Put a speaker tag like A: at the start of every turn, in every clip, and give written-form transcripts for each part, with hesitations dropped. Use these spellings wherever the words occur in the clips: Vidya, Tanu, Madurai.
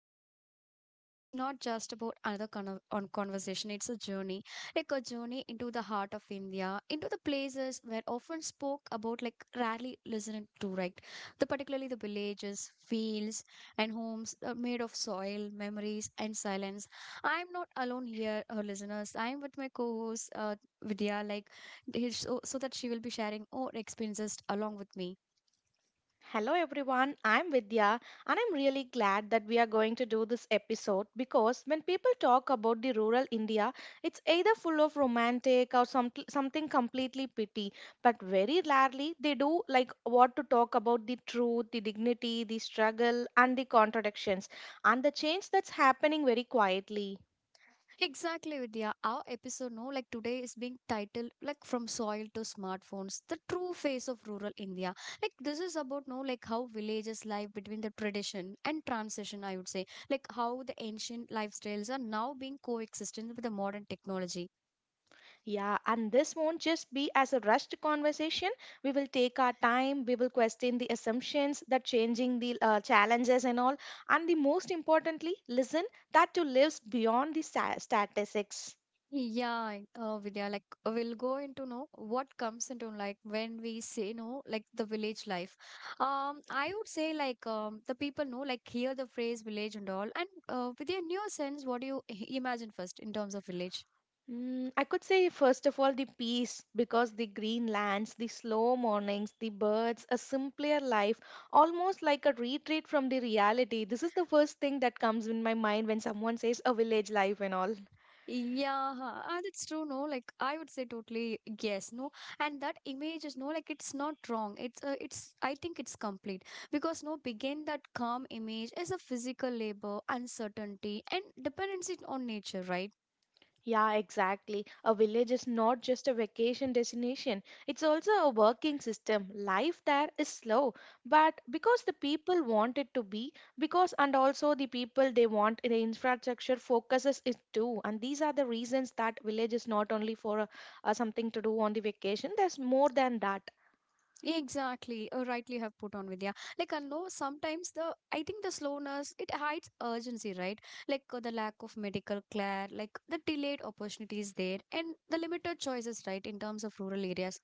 A: Tanu, and this is not just about another on conversation. It's a journey, like a journey into the heart of India, into the places where often spoke about, like rarely listened to, right? The particularly the villages, fields, and homes made of soil, memories, and silence. I'm not alone here, listeners. I'm with my co-host Vidya, like so that she will be sharing all experiences along with me.
B: Hello everyone, I'm Vidya and I'm really glad that we are going to do this episode because when people talk about the rural India, it's either full of romantic or something completely pity, but very rarely they do like what to talk about the truth, the dignity, the struggle and the contradictions and the change that's happening very quietly.
A: Exactly, Vidya. Our episode, no, like today is being titled like from soil to smartphones, the true face of rural India. Like this is about no, like how villages live between the tradition and transition, I would say. Like how the ancient lifestyles are now being coexistent with the modern technology.
B: Yeah, and this won't just be as a rushed conversation. We will take our time, we will question the assumptions, the changing the challenges and all, and the most importantly, listen that to lives beyond the statistics.
A: Yeah, Vidya, like we'll go into know what comes into like when we say no, like the village life. I would say like the people know like hear the phrase village and all, and Vidya, in your sense, what do you imagine first in terms of village?
B: I could say first of all the peace because the green lands, the slow mornings, the birds, a simpler life, almost like a retreat from the reality. This is the first thing that comes in my mind when someone says a village life and all.
A: Yeah, ah, that's true. No, like I would say totally yes. No, and that image is no, like it's not wrong. It's I think it's complete because no, begin that calm image is a physical labor, uncertainty, and dependency on nature, right?
B: Yeah, exactly. A village is not just a vacation destination, it's also a working system. Life there is slow, but because the people want it to be, because and also the people they want the infrastructure focuses it too. And these are the reasons that village is not only for something to do on the vacation, there's more than that.
A: Exactly, rightly have put on Vidya. Like I know sometimes the I think the slowness it hides urgency, right? Like the lack of medical care, like the delayed opportunities there, and the limited choices, right, in terms of rural areas.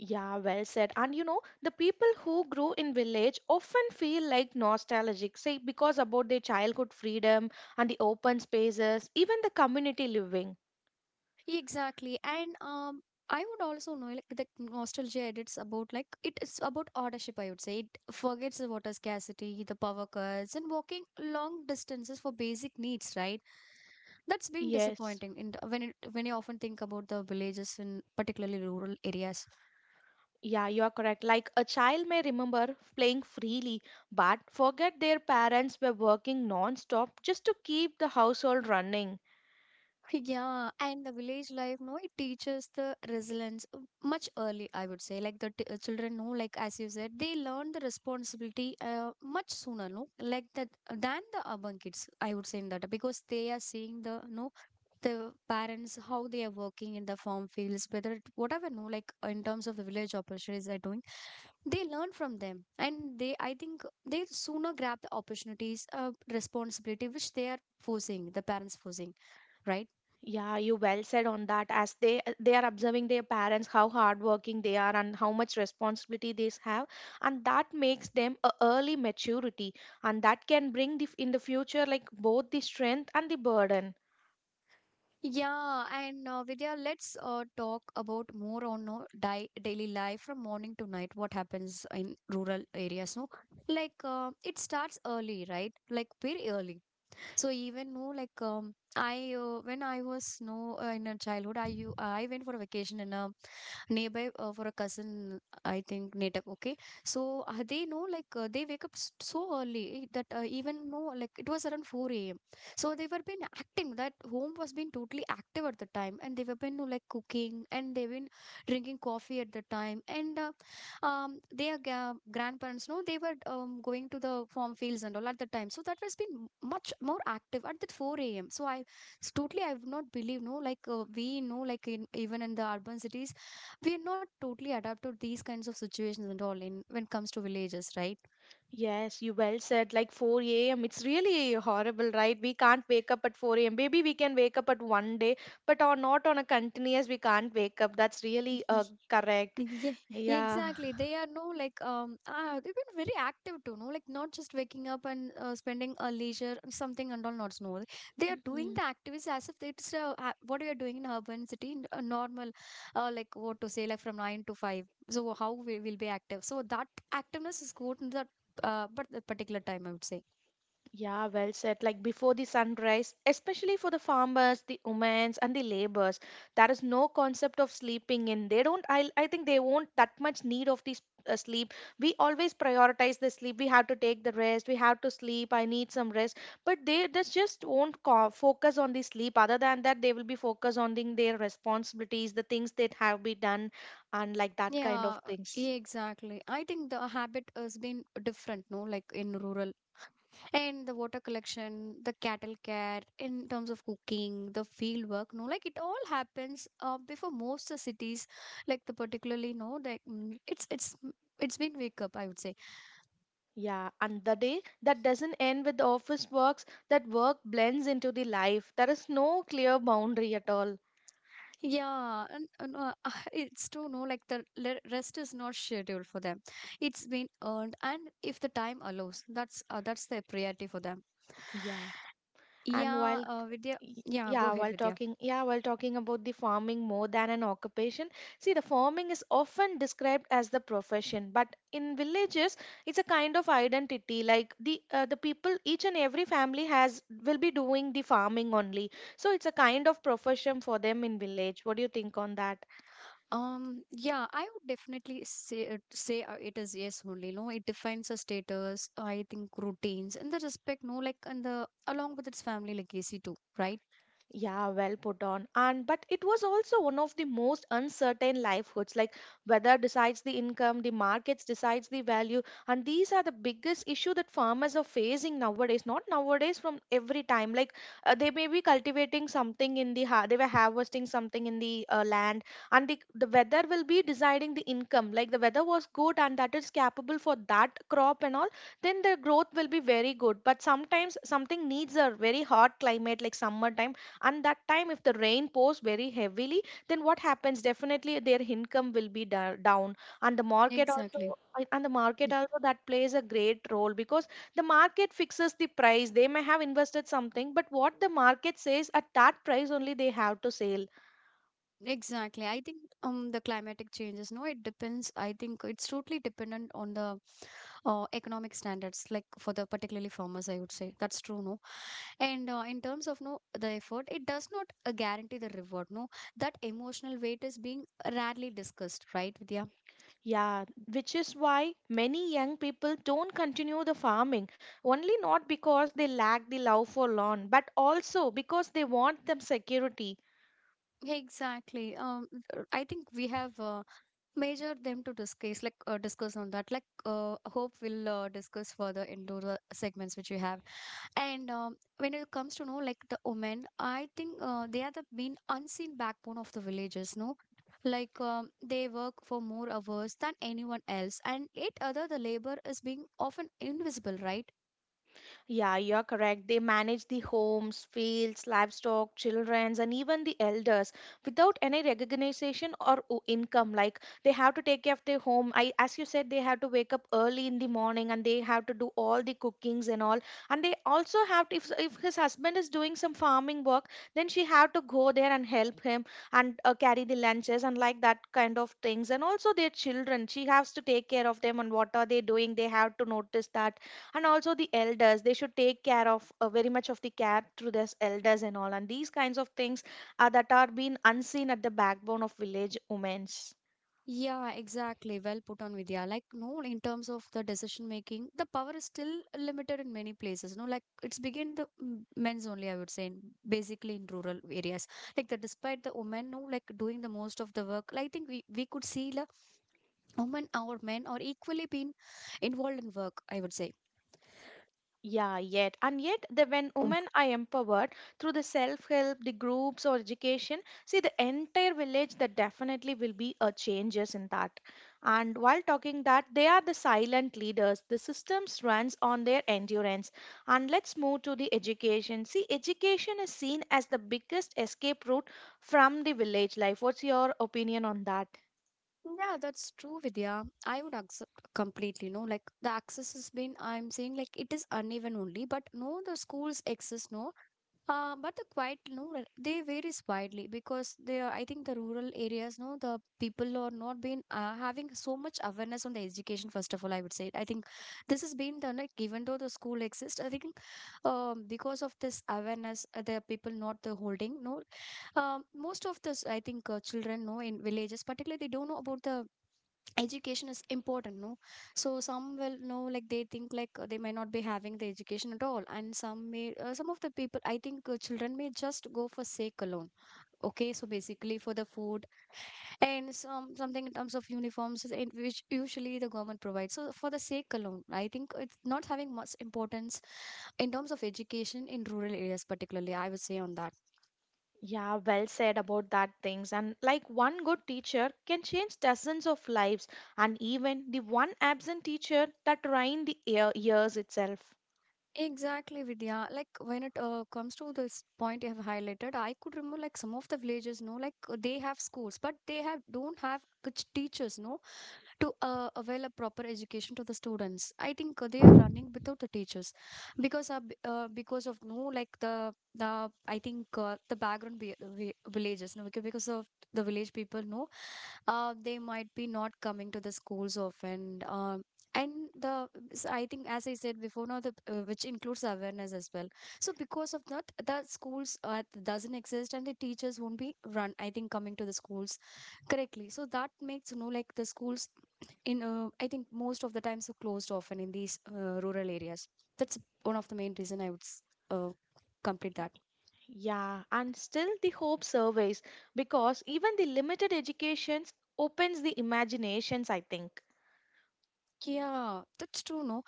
B: Yeah, well said. And you know, the people who grew in village often feel like nostalgic, say because about their childhood freedom and the open spaces, even the community living.
A: Exactly. And I would also know like the nostalgia edits about like it is about ownership, I would say. It forgets the water scarcity, the power cuts, and walking long distances for basic needs, right? That's been
B: Yes.
A: disappointing in the, when it, when you often think about the villages in particularly rural areas.
B: Yeah, you are correct. Like a child may remember playing freely, but forget their parents were working non-stop just to keep the household running.
A: Yeah, and the village life, no, it teaches the resilience much early, I would say. Like the t children know, like as you said, they learn the responsibility much sooner, no, like that than the urban kids, I would say in that because they are seeing the no the parents how they are working in the farm fields, whether it, whatever, no, like in terms of the village opportunities they're doing, they learn from them, and they, I think, they sooner grab the opportunities, responsibility which they are forcing the parents forcing, right?
B: Yeah, you well said on that. As they are observing their parents how hardworking they are and how much responsibility they have, and that makes them a early maturity, and that can bring the, in the future like both the strength and the burden.
A: Yeah, and Vidya, let's talk about more on di daily life from morning to night. What happens in rural areas? No, like it starts early, right? Like very early. So even no, like I when I was no in a childhood, I went for a vacation in a nearby for a cousin, I think, native. Okay. So they know, like, they wake up so early that even no, like, it was around 4 a.m. So they were been acting. That home was been totally active at the time. And they were been, no, like, cooking and they've been drinking coffee at the time. And their grandparents, no, they were going to the farm fields and all at the time. So that was been much more active at that 4 a.m. So totally, I would not believe, no, like we know, like in, even in the urban cities, we're not totally adapted to these kinds of situations and all in when it comes to villages, right?
B: Yes, you well said. Like 4 a.m. It's really horrible, right? We can't wake up at 4 a.m. Maybe we can wake up at one day, but on not on a continuous. We can't wake up. That's really correct.
A: Yeah,
B: Yeah.
A: exactly, they are no like they've been very active too, no, like not just waking up and spending a leisure something and all not no, they are doing
B: Mm-hmm.
A: the activities as if it's what we are doing in urban city in a normal like what to say, like from 9 to 5. So how we will be active, so that activeness is good in that, but the particular time, I would say.
B: Yeah, well said. Like before the sunrise, especially for the farmers, the women, and the laborers, there is no concept of sleeping in. They don't. I think they won't that much need of this sleep. We always prioritize the sleep. We have to take the rest. We have to sleep. I need some rest. But they this just won't focus on the sleep. Other than that, they will be focused on the, their responsibilities, the things that have been done, and like that kind of
A: Yeah,
B: things.
A: yeah, exactly. I think the habit has been different, no? Like in rural, and the water collection, the cattle care, in terms of cooking, the field work, no? Like it all happens before most the cities, like the particularly, no? Like it's been wake up, I would say.
B: Yeah, and the day that doesn't end with office works, that work blends into the life. There is no clear boundary at all.
A: Yeah, and it's to know like the rest is not scheduled for them. It's been earned, and if the time allows, that's the priority for them.
B: Yeah. And
A: Yeah,
B: while
A: Vidya.
B: y-
A: Yeah, go ahead, Vidya.
B: yeah, while talking about the farming more than an occupation, see the farming is often described as the profession, but in villages it's a kind of identity like the people each and every family has will be doing the farming only. So it's a kind of profession for them in village. What do you think on that?
A: Yeah, I would definitely say it is yes only. No, it defines a status. I think routines and the respect. No, like and the along with its family legacy too, right?
B: Yeah, well put on. And but it was also one of the most uncertain livelihoods. Like weather decides the income, the markets decides the value, and these are the biggest issue that farmers are facing nowadays. Not nowadays, from every time. Like they may be cultivating something in the they were harvesting something in the land, and the weather will be deciding the income. Like the weather was good and that is capable for that crop and all, then the growth will be very good. But sometimes something needs a very hot climate like summertime and that time if the rain pours very heavily then what happens definitely their income will be down and the market also
A: Exactly.
B: and the market also that plays a great role because the market fixes the price they may have invested something but what the market says at that price only they have to sell
A: Exactly. I think the climatic changes, no, it depends. I think it's totally dependent on the economic standards, like for the particularly farmers, I would say. That's true, no. And in terms of no the effort, it does not guarantee the reward, no. That emotional weight is being rarely discussed, right, Vidya?
B: yeah, which is why many young people don't continue the farming only not because they lack the love for lawn but also because they want them security.
A: Exactly. I think we have measured them to discuss, like discuss on that. Like, hope we'll discuss further into the segments which we have. And when it comes to know like the women, I think they are the main unseen backbone of the villages. No, like they work for more hours than anyone else, and yet other the labor is being often invisible, right?
B: Yeah, you're correct. They manage the homes, fields, livestock, children, and even the elders without any recognition or income. Like they have to take care of their home. I, as you said, they have to wake up early in the morning and they have to do all the cookings and all. And they also have to, if his husband is doing some farming work, then she have to go there and help him and carry the lunches and like that kind of things. And also their children, she has to take care of them and what are they doing. They have to notice that and also the elders they should take care of very much of the care through their elders and all and these kinds of things are that are being unseen at the backbone of village women's.
A: Yeah, exactly. Well put on, Vidya. Like no, in terms of the decision making, the power is still limited in many places. No, like it's begin the men's only, I would say, in, basically in rural areas. Like the despite the women, no, like doing the most of the work. Like, I think we could see like women or men are equally being involved in work, I would say.
B: Yeah, yet. And yet, the, when women are empowered through the self help, the groups, or education, see the entire village, that definitely will be a changes in that. And while talking that, they are the silent leaders. The systems runs on their endurance. And let's move to the education. See, education is seen as the biggest escape route from the village life. What's your opinion on that?
A: Yeah, that's true, Vidya. I would accept completely. No, like the access has been, I'm saying, like it is uneven only, but no the schools exist, no, but the quiet, no, like, they varies widely because they are, I think the rural areas no the people are not been having so much awareness on the education, first of all, I would say. I think this has been done, like even though the school exists, I think, because of this awareness, the people not the holding, no. Most of this, I think, children know in villages, particularly they don't know about the education is important, no. So some will know like they think like they may not be having the education at all, and some may some of the people, I think, children may just go for sake alone. Okay, so basically for the food and some something in terms of uniforms, in which usually the government provides. So for the sake alone, I think it's not having much importance in terms of education in rural areas, particularly, I would say on that.
B: Yeah, well said about that things. And like one good teacher can change dozens of lives, and even the one absent teacher that ruined the year, years itself.
A: Exactly, Vidya. Like when it comes to this point you have highlighted, I could remember like some of the villages, no, like they have schools, but they have don't have good teachers, no, to avail a proper education to the students. I think they are running without the teachers because of no like the I think the background villages, no, because of the village people, no, they might be not coming to the schools often. And I think as I said before now the which includes awareness as well. So because of that, the schools doesn't exist and the teachers won't be run, I think, coming to the schools. Correctly. So that makes, you know, like the schools in, I think most of the times are closed often in these rural areas. That's one of the main reason I would uh, complete that.
B: Yeah, and still the hope surveys because even the limited educations opens the imaginations, I think.
A: Yeah, that's true, no?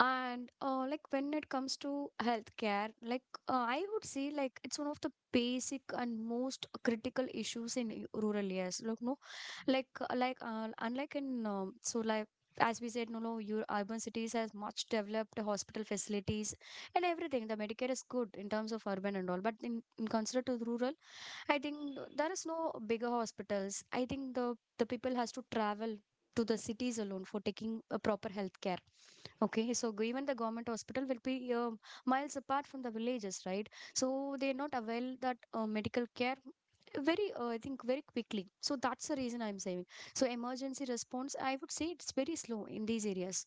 A: And like when it comes to healthcare, like I would say like it's one of the basic and most critical issues in rural areas. Like no, like unlike in so like as we said, no, no, your urban cities has much developed hospital facilities and everything. The Medicare is good in terms of urban and all, but in considered to rural, I think there is no bigger hospitals. I think the people has to travel to the cities alone for taking a proper healthcare. Okay, so even the government hospital will be miles apart from the villages, right? So they're not avail that medical care very I think very quickly, so that's the reason I'm saying. So emergency response, I would say, it's very slow in these areas.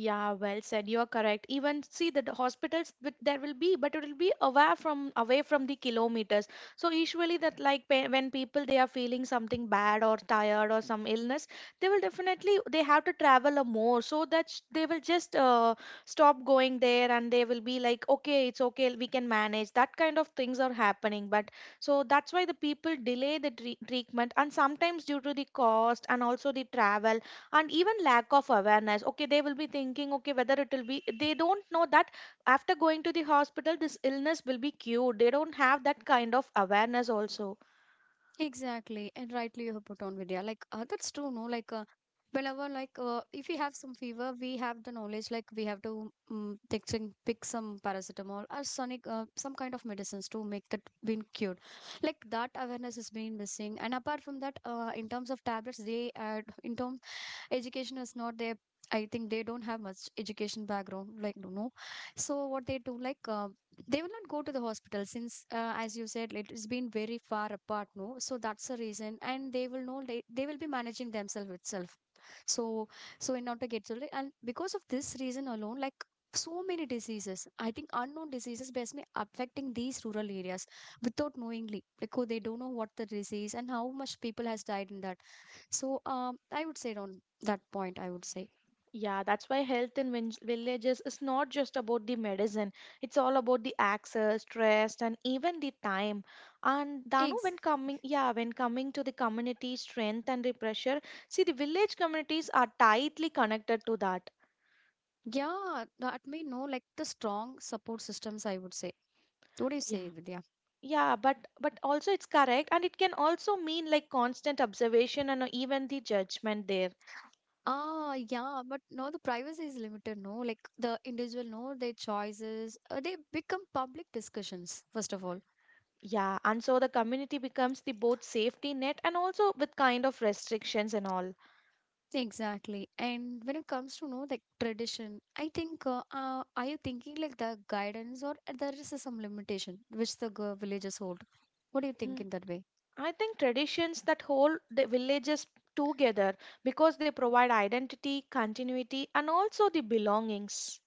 B: Yeah, well said. You are correct. Even see the hospitals with there will be, but it will be away from the kilometers. So usually that like when people they are feeling something bad or tired or some illness, they will definitely they have to travel a more so that they will just stop going there and they will be like okay, it's okay, we can manage. That kind of things are happening. But so that's why the people delay the treatment and sometimes due to the cost and also the travel and even lack of awareness, okay, they will be thinking okay, whether it will be, they don't know that after going to the hospital this illness will be cured, they don't have that kind of awareness also.
A: Exactly, and rightly you have put on, Vidya. Like that's true, no? Like whenever, if we have some fever, we have the knowledge. Like we have to take some, pick some paracetamol or sonic, some kind of medicines to make that been cured. Like that awareness has been missing. And apart from that, in terms of tablets, they add in terms, education is not their. I think they don't have much education background, like no, so what they do, they will not go to the hospital since, as you said, it has been very far apart, no? So that's the reason, and they will know, they will be managing themselves itself. So, so in order to get, so like, and because of this reason alone, like so many diseases, I think unknown diseases, basically affecting these rural areas without knowingly, because they don't know what the disease and how much people has died in that. So I would say on that point, I would say.
B: Yeah, that's why health in villages is not just about the medicine, it's all about the access stress and even the time. And danu
A: Eggs.
B: when coming yeah, when coming to the community strength and the pressure, see the village communities are tightly connected to that.
A: Yeah, that may know, like the strong support systems, I would say. What do you
B: Yeah.
A: say, Vidya?
B: Yeah, but also it's correct, and it can also mean like constant observation and even the judgment there.
A: Ah, yeah, but no, the privacy is limited, no? Like the individual know their choices, they become public discussions, first of all.
B: Yeah, and so the community becomes the both safety net and also with kind of restrictions and all.
A: Exactly. And when it comes to know like tradition, I think, are you thinking like the guidance or there is some limitation which the villages hold? What do you think
B: Mm,
A: in that way?
B: I think traditions that hold the villages together because they provide identity, continuity, and also the belongings.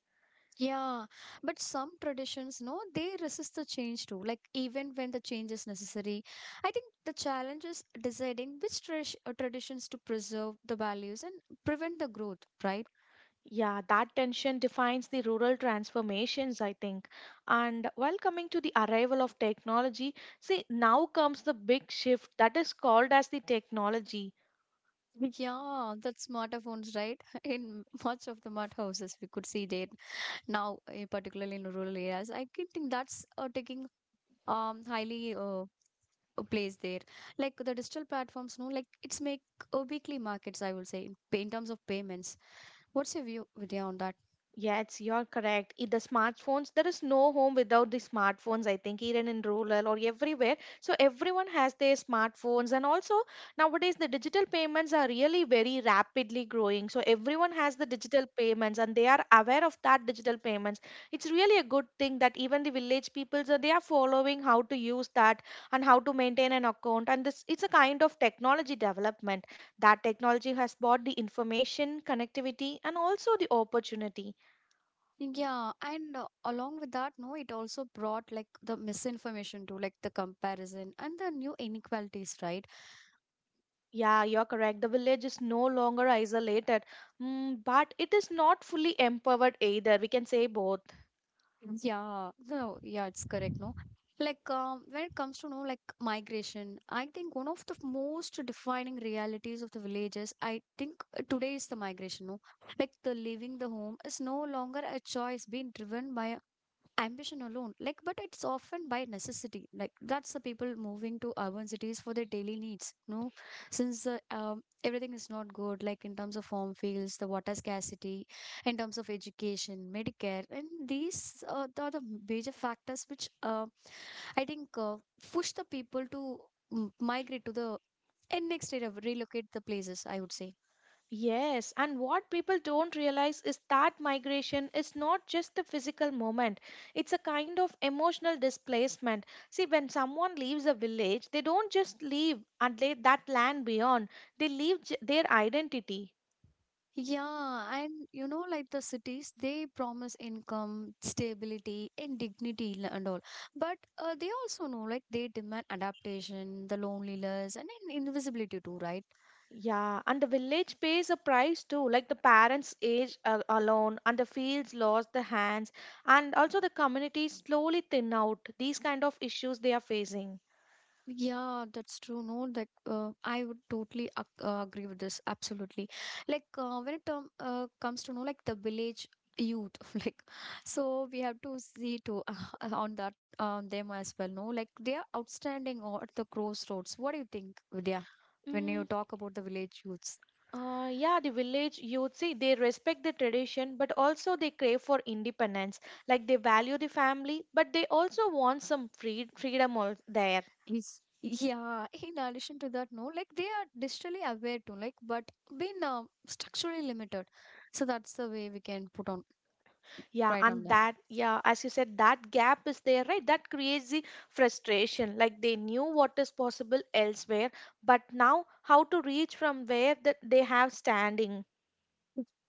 A: Yeah, but some traditions, no, they resist the change too. Like even when the change is necessary, I think the challenge is deciding which traditions to preserve the values and prevent the growth, right?
B: Yeah, that tension defines the rural transformations, I think. And while coming to the arrival of technology, see, now comes the big shift that is called as the technology.
A: Yeah, that smartphones, right? In much of the mud houses, we could see that now, eh, particularly in rural areas. I can think that's taking highly a place there. Like the digital platforms, no, like it's make weekly markets. I will say in terms of payments. What's your view, Vidya, on that?
B: Yes, you're correct. The smartphones, there is no home without the smartphones, I think, even in rural or everywhere. So everyone has their smartphones. And also nowadays the digital payments are really very rapidly growing. So everyone has the digital payments and they are aware of that digital payments. It's really a good thing that even the village people, so they are following how to use that and how to maintain an account. And this it's a kind of technology development. That technology has brought the information, connectivity, and also the opportunity.
A: Yeah, and along with that, no, it also brought like the misinformation to like the comparison and the new inequalities, right?
B: Yeah, you're correct. The village is no longer isolated, mm, but it is not fully empowered either. We can say both.
A: Mhm. Yeah, no, yeah, it's correct, no. When it comes to no like migration, I think one of the most defining realities of the villages, I think today is the migration, no. Like the leaving the home is no longer a choice being driven by ambition alone, like, but it's often by necessity, like, that's the people moving to urban cities for their daily needs, no, since, everything is not good, like in terms of farm fields, the water scarcity, in terms of education, medicare, and these are the major factors which, I think push the people to, mm, migrate to the and next area, relocate the places, I would say.
B: Yes, and what people don't realize is that migration is not just a physical moment, it's a kind of emotional displacement. See, when someone leaves a village, they don't just leave and lay that land beyond, they leave their identity.
A: Yeah, and you know, like the cities, they promise income, stability, and dignity and all. But they also know, like, they demand adaptation, the loneliness, and invisibility too, right?
B: Yeah, and the village pays a price too, like the parents age alone, and the fields lost the hands, and also the community slowly thin out. These kind of issues they are facing.
A: Yeah, that's true. No, like I would totally ac agree with this. Absolutely. Like when it comes to know like the village youth, like so we have to see to on that them as well. No, like they are outstanding or at the crossroads. What do you think, Vidya, when you
B: Mm,
A: talk about the village youths?
B: yeah, the village youth see they respect the tradition, but also they crave for independence. Like they value the family, but they also want some freedom there.
A: Is, yeah. In addition to that, no, like they are digitally aware too, like, but been structurally limited. So that's the way we can put on
B: Yeah,
A: right on
B: and
A: them.
B: that, yeah, as you said, that gap is there, right? That creates the frustration. Like they knew what is possible elsewhere, but now how to reach from where that they have standing.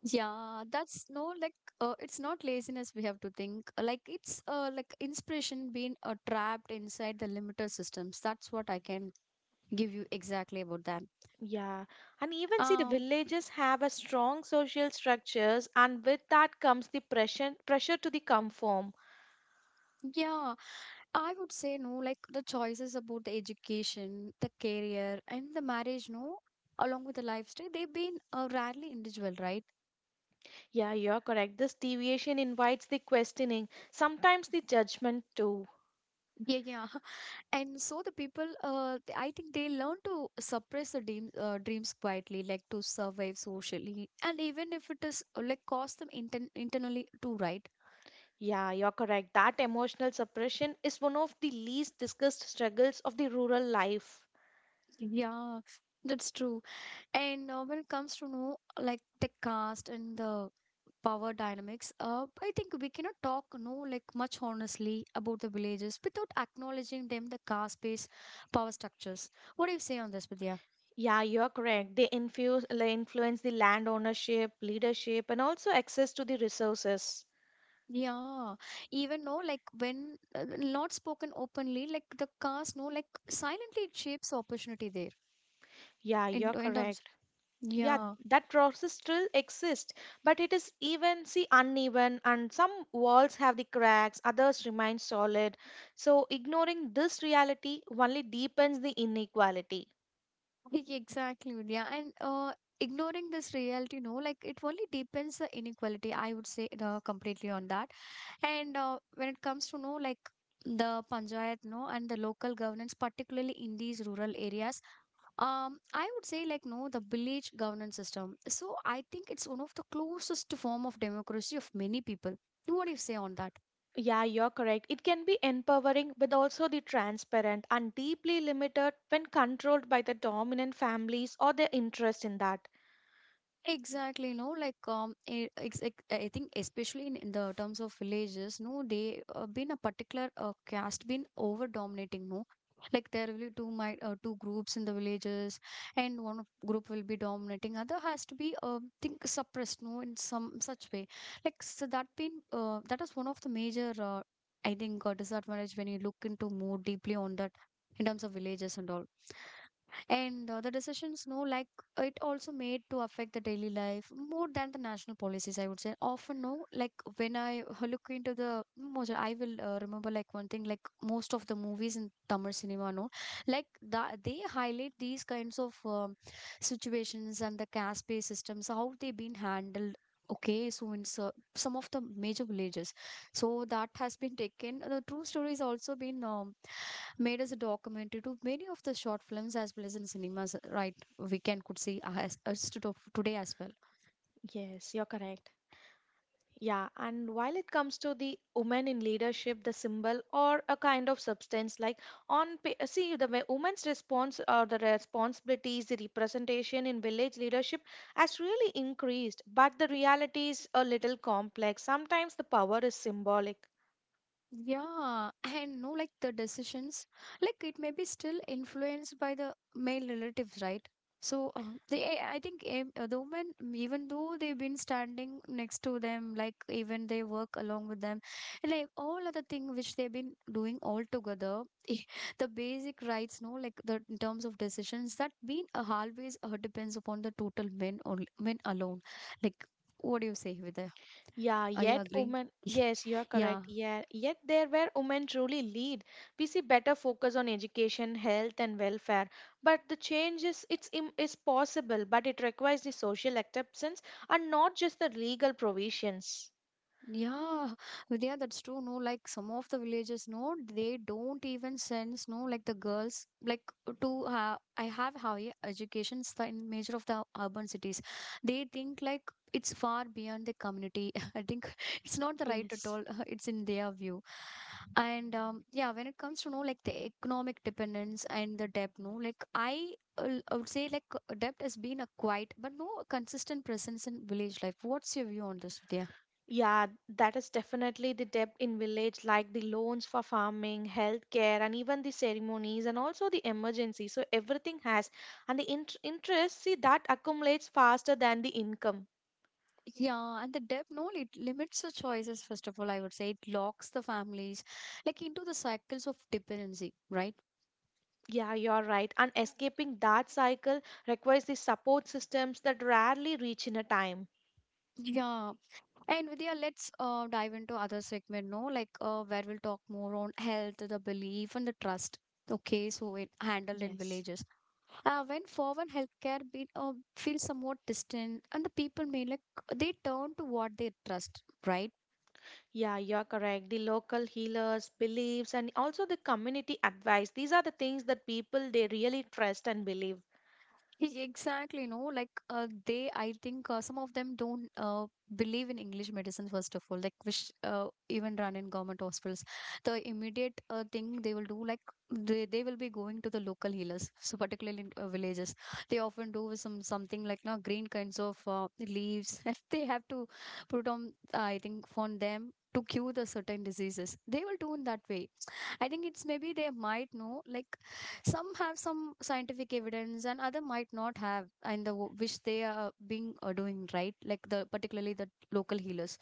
A: Yeah, that's no like, it's not laziness we have to think. Like it's like inspiration being trapped inside the limiter systems. That's what I can give you exactly about that.
B: Yeah, and even see the
A: Um,
B: villages have a strong social structures, and with that comes the pressure to the conform.
A: yeah, I would say no like the choices about the education, the career, and the marriage, no, along with the lifestyle, they've been rarely individual, right?
B: Yeah, you're correct. This deviation invites the questioning, sometimes the judgment too.
A: Yeah, yeah. And so the people, I think, they learn to suppress the dreams, dreams quietly, like to survive socially, and even if it is like cost them internally too, right?
B: Yeah, you're correct. That emotional suppression is one of the least discussed struggles of the rural life.
A: Yeah, that's true. And when it comes to know like the caste and the power dynamics, I think we cannot talk no like much honestly about the villages without acknowledging them the caste based power structures. What do you say on this, Vidya?
B: Yeah, you're correct. They infuse, like, influence the land ownership, leadership, and also access to the resources.
A: Yeah, even no, like when not spoken openly, like the cast no, like silently it shapes opportunity there
B: Yeah, you're
A: in terms.
B: correct. Yeah,
A: Yeah,
B: that process still exists, but it is even, see, uneven, and some walls have the cracks, others remain solid. So, ignoring this reality only deepens the inequality.
A: like, exactly. Yeah, and ignoring this reality, no, like it only deepens the inequality. I would say completely on that. And when it comes to know like the panchayat, no, and the local governance, particularly in these rural areas, I would say like no, the village governance system. So I think it's one of the closest form of democracy of many people. What do you say on that?
B: Yeah, you're correct. It can be empowering, but also the transparent and deeply limited when controlled by the dominant families or their interest in that.
A: Exactly, no, I, I think especially in the terms of villages, no, they been a particular caste been over dominating, no, like there will be two groups in the villages, and one of group will be dominating, other has to be think suppressed, no, in some such way, like so that been that is one of the major I think disadvantage when you look into more deeply on that in terms of villages and all. And the decisions, no, like it also made to affect the daily life more than the national policies, I would say often, no, like when look into the most, I will remember like one thing, like most of the movies in Tamil cinema, no, like the, they highlight these kinds of situations and the caste pay systems, how they have been handled. Okay, so in, so some of the major villages, so that has been taken the true story is also been made as a documentary to many of the short films as well as in cinemas, right? We can could see as today as well.
B: Yes, you're correct. Yeah, and while it comes to the women in leadership, the symbol or a kind of substance, like on see the way women's response or the responsibilities, the representation in village leadership has really increased, but the reality is a little complex. Sometimes the power is symbolic.
A: Yeah, and no, like the decisions, like it may be still influenced by the male relatives, right? So they, I think the women, mm, even though they've been standing next to them, like even they work along with them, and, like all other thing which they've been doing all together, the basic rights, no, like the in terms of decisions that been always depends upon the total men only, men alone. Like, what do you say, Vidya?
B: Yeah,
A: Are you
B: yet
A: agreeing?
B: women, yes, you are
A: Yeah.
B: correct. Yeah, yet there where women truly lead, we see better focus on education, health, and welfare. But the change is is possible, but it requires the social acceptance and not just the legal provisions.
A: Yeah, Vidya, that's true. No, like some of the villages, no, they don't even sense, no, like the girls, like to have, I have higher educations in major of the urban cities. They think like it's far beyond the community. I think it's not the right at
B: Yes.
A: all. It's in their view. And yeah, when it comes to know like the economic dependence and the debt, no, like I would say like debt has been a quiet but no consistent presence in village life. What's your view on this, Vidya?
B: Yeah, that is definitely the debt in village, like the loans for farming, healthcare, and even the ceremonies, and also the emergency. So everything has, and the interest, see, that accumulates faster than the income.
A: Yeah, and the debt no, it limits the choices, first of all, I would say. It locks the families like into the cycles of dependency, right?
B: Yeah, you're right. And escaping that cycle requires the support systems that rarely reach in a time.
A: Yeah. And Vidya, let's dive into other segment, no, like where we'll talk more on health, the belief and the trust. Okay, so it handled in
B: Yes.
A: villages. When foreign healthcare be, feels somewhat distant and the people may like they turn to what they trust, right?
B: Yeah, you're correct. The local healers, beliefs, and also the community advice. These are the things that people they really trust and believe.
A: Exactly, no, like they, I think some of them don't believe in English medicine, first of all, like which even run in government hospitals. The immediate thing they will do, like they will be going to the local healers, so particularly in villages. They often do with some something like no green kinds of leaves. If they have to put on, I think, on them to cure the certain diseases, they will do in that way. I think it's maybe they might know, like some have some scientific evidence and other might not have, and the which they are being doing right, like the particularly the local healers,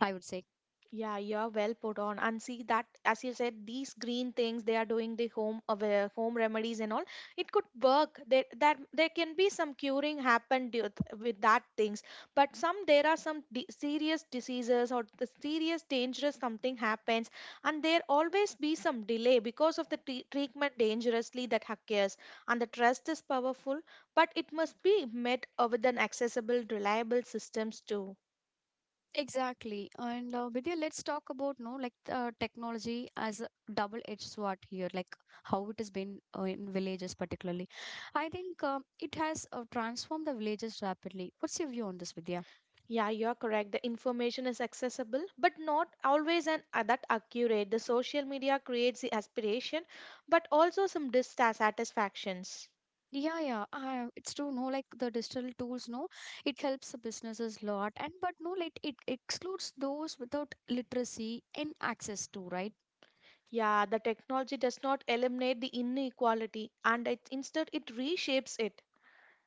A: I would say.
B: Yeah, you're well put on. And see that, as you said, these green things they are doing the home aware, home remedies and all. It could work. That there can be some curing happened with that things. But some there are some di serious diseases or the serious dangerous something happens, and there always be some delay because of the treatment dangerously that occurs. And the trust is powerful, but it must be met with an accessible, reliable systems too.
A: Exactly, and Vidya, let's talk about no like technology as a double-edged sword here, like how it has been in villages particularly. I think it has transformed the villages rapidly. What's your view on this, Vidya?
B: Yeah, you're correct. The information is accessible, but not always and that accurate. The social media creates the aspiration, but also some dissatisfactions.
A: Yeah, yeah, it's true. No, like the digital tools, no, it helps the businesses a lot, and but no, like it excludes those without literacy and access to, right?
B: Yeah, the technology does not eliminate the inequality, and it, instead it reshapes it.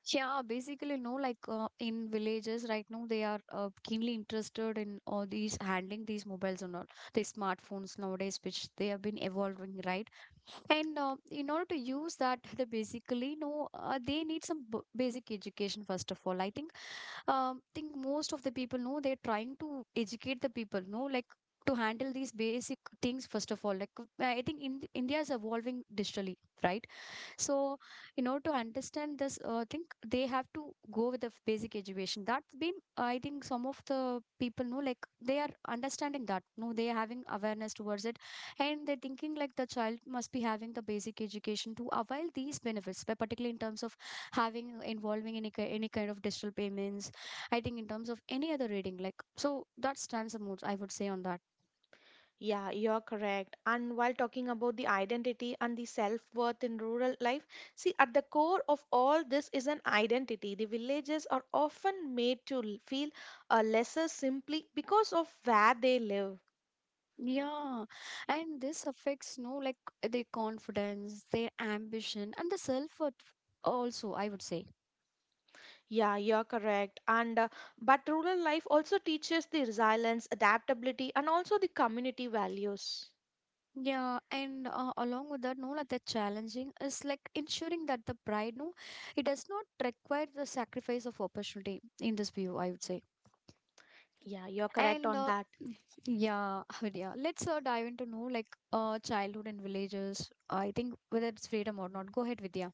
A: Yeah, basically, no, like in villages right now, they are keenly interested in all these handling these mobiles and all, these smartphones nowadays, which they have been evolving, right? And in order to use that they basically know they need some basic education first of all. I think most of the people know they're trying to educate the people, no, like to handle these basic things first of all, like I think in, India is evolving digitally, right? So, in order to understand this, I think they have to go with the basic education. That's been, I think, some of the people know, like they are understanding that. No, they are having awareness towards it, and they're thinking like the child must be having the basic education to avail these benefits, but particularly in terms of having involving any any kind of digital payments. I think in terms of any other reading, like so that stands the mood. I would say on that.
B: Yeah, you're correct. And while talking about the identity and the self worth in rural life, see, at the core of all this is an identity. The villages are often made to feel lesser simply because of where they live.
A: Yeah, and this affects, no, like their confidence, their ambition, and the self-worth also, I would say.
B: Yeah, you're correct. And but rural life also teaches the resilience, adaptability, and also the community values.
A: Yeah, and along with that, no, like the challenging is like ensuring that the pride, no, it does not require the sacrifice of opportunity in this view, I would say.
B: Yeah, you're correct
A: And
B: on that.
A: yeah, yeah, let's dive into, no, like childhood in villages. I think whether it's freedom or not. Go ahead, Vidya.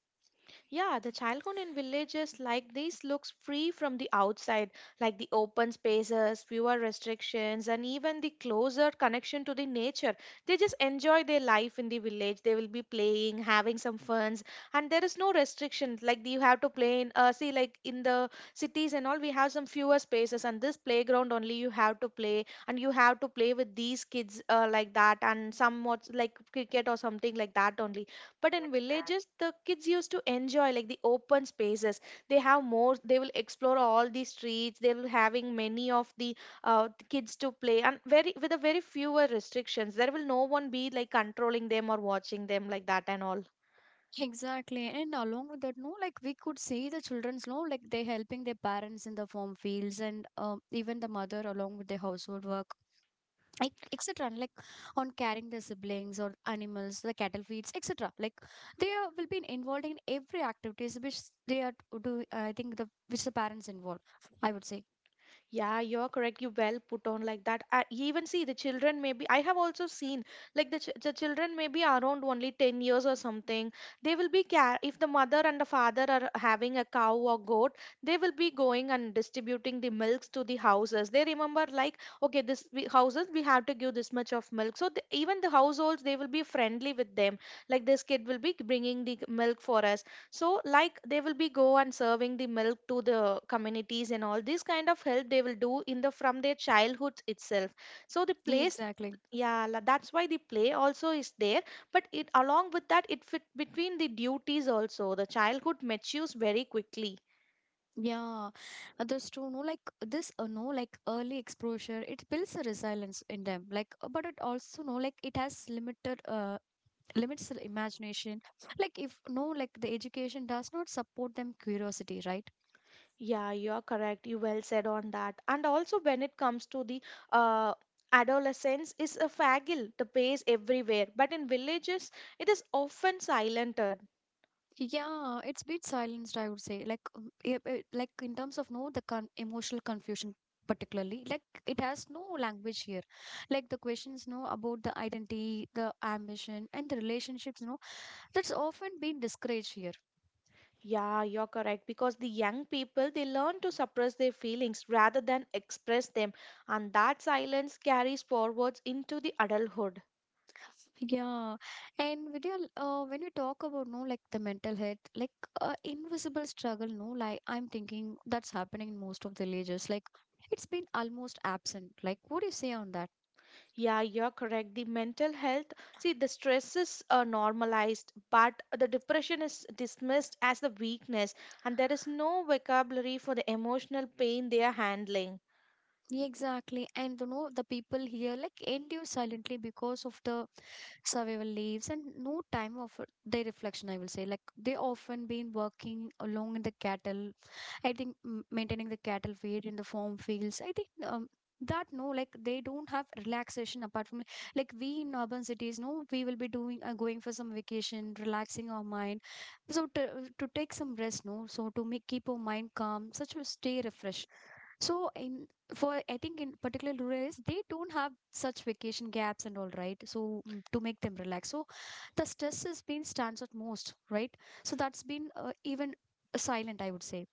B: Yeah, the childhood in villages like this looks free from the outside, like the open spaces, fewer restrictions, and even the closer connection to the nature. They just enjoy their life in the village. They will be playing, having some funs, and there is no restriction. Like you have to play in, see, like in the cities and all, we have some fewer spaces, and this playground only you have to play, and you have to play with these kids like that, and somewhat like cricket or something like that only, but in villages the kids used to enjoy like the open spaces. They have more, they will explore all the streets. They will having many of the kids to play and very with a very fewer restrictions. There will no one be like controlling them or watching them like that and all.
A: Exactly. And along with that, no, like we could see the children's, no, like they helping their parents in the farm fields and even the mother along with the household work, like, etc. And, like on carrying the siblings or animals, the cattle feeds, etc. Like they are, will be involved in every activities which they are do. I think the which the parents involve. I would say.
B: Yeah, you're correct. You well put on like that. You even see the children, maybe I have also seen like the, ch the children maybe around only 10 years or something. They will be care if the mother and the father are having a cow or goat, they will be going and distributing the milks to the houses. They remember like okay, this we, houses we have to give this much of milk. So the, even the households they will be friendly with them. Like this kid will be bringing the milk for us, so like they will be go and serving the milk to the communities and all this kind of help they will do in the from their childhood itself. So the
A: Yeah,
B: place,
A: exactly.
B: yeah, that's why the play also is there, but it along with that it fit between the duties also. The childhood matures very quickly.
A: Yeah, uh, that's true. No, like this, no, like early exposure, it builds a resilience in them. But it also, no, like it has limits the imagination like if no like the education does not support them curiosity, right?
B: Yeah, you are correct. You well said on that. And also when it comes to the uh adolescence is a fagil, the pace everywhere, but in villages it is often silent.
A: Yeah, it's has been silenced, I would say, like like in terms of no the emotional confusion particularly, like it has no language here, like the questions no about the identity, the ambition, and the relationships, no. That's often been discouraged here.
B: Yeah, you're correct. Because the young people, they learn to suppress their feelings rather than express them. And that silence carries forwards into the adulthood.
A: Yeah, and Vidya, when we talk about no like the mental health, like invisible struggle, no, like I'm thinking that's happening in most of the villages. Like it's been almost absent. Like what do you say on that?
B: Yeah, you're correct. The mental health, see, the stress is normalized, but the depression is dismissed as the weakness. And there is no vocabulary for the emotional pain they are handling.
A: Yeah, exactly. And you know the people here like endure silently because of the survival leaves and no time of their reflection, I will say. Like they often been working along in the cattle, I think maintaining the cattle feed in the farm fields. I think that no like they don't have relaxation apart from, like we in urban cities, no, we will be doing going for some vacation, relaxing our mind, so to take some rest, no, so to make keep our mind calm such a stay refreshed. So in for I think in particular rural areas, they don't have such vacation gaps and all, right? So to make them relax, so the stress has been stands out most, right? So that's been even silent, I would say.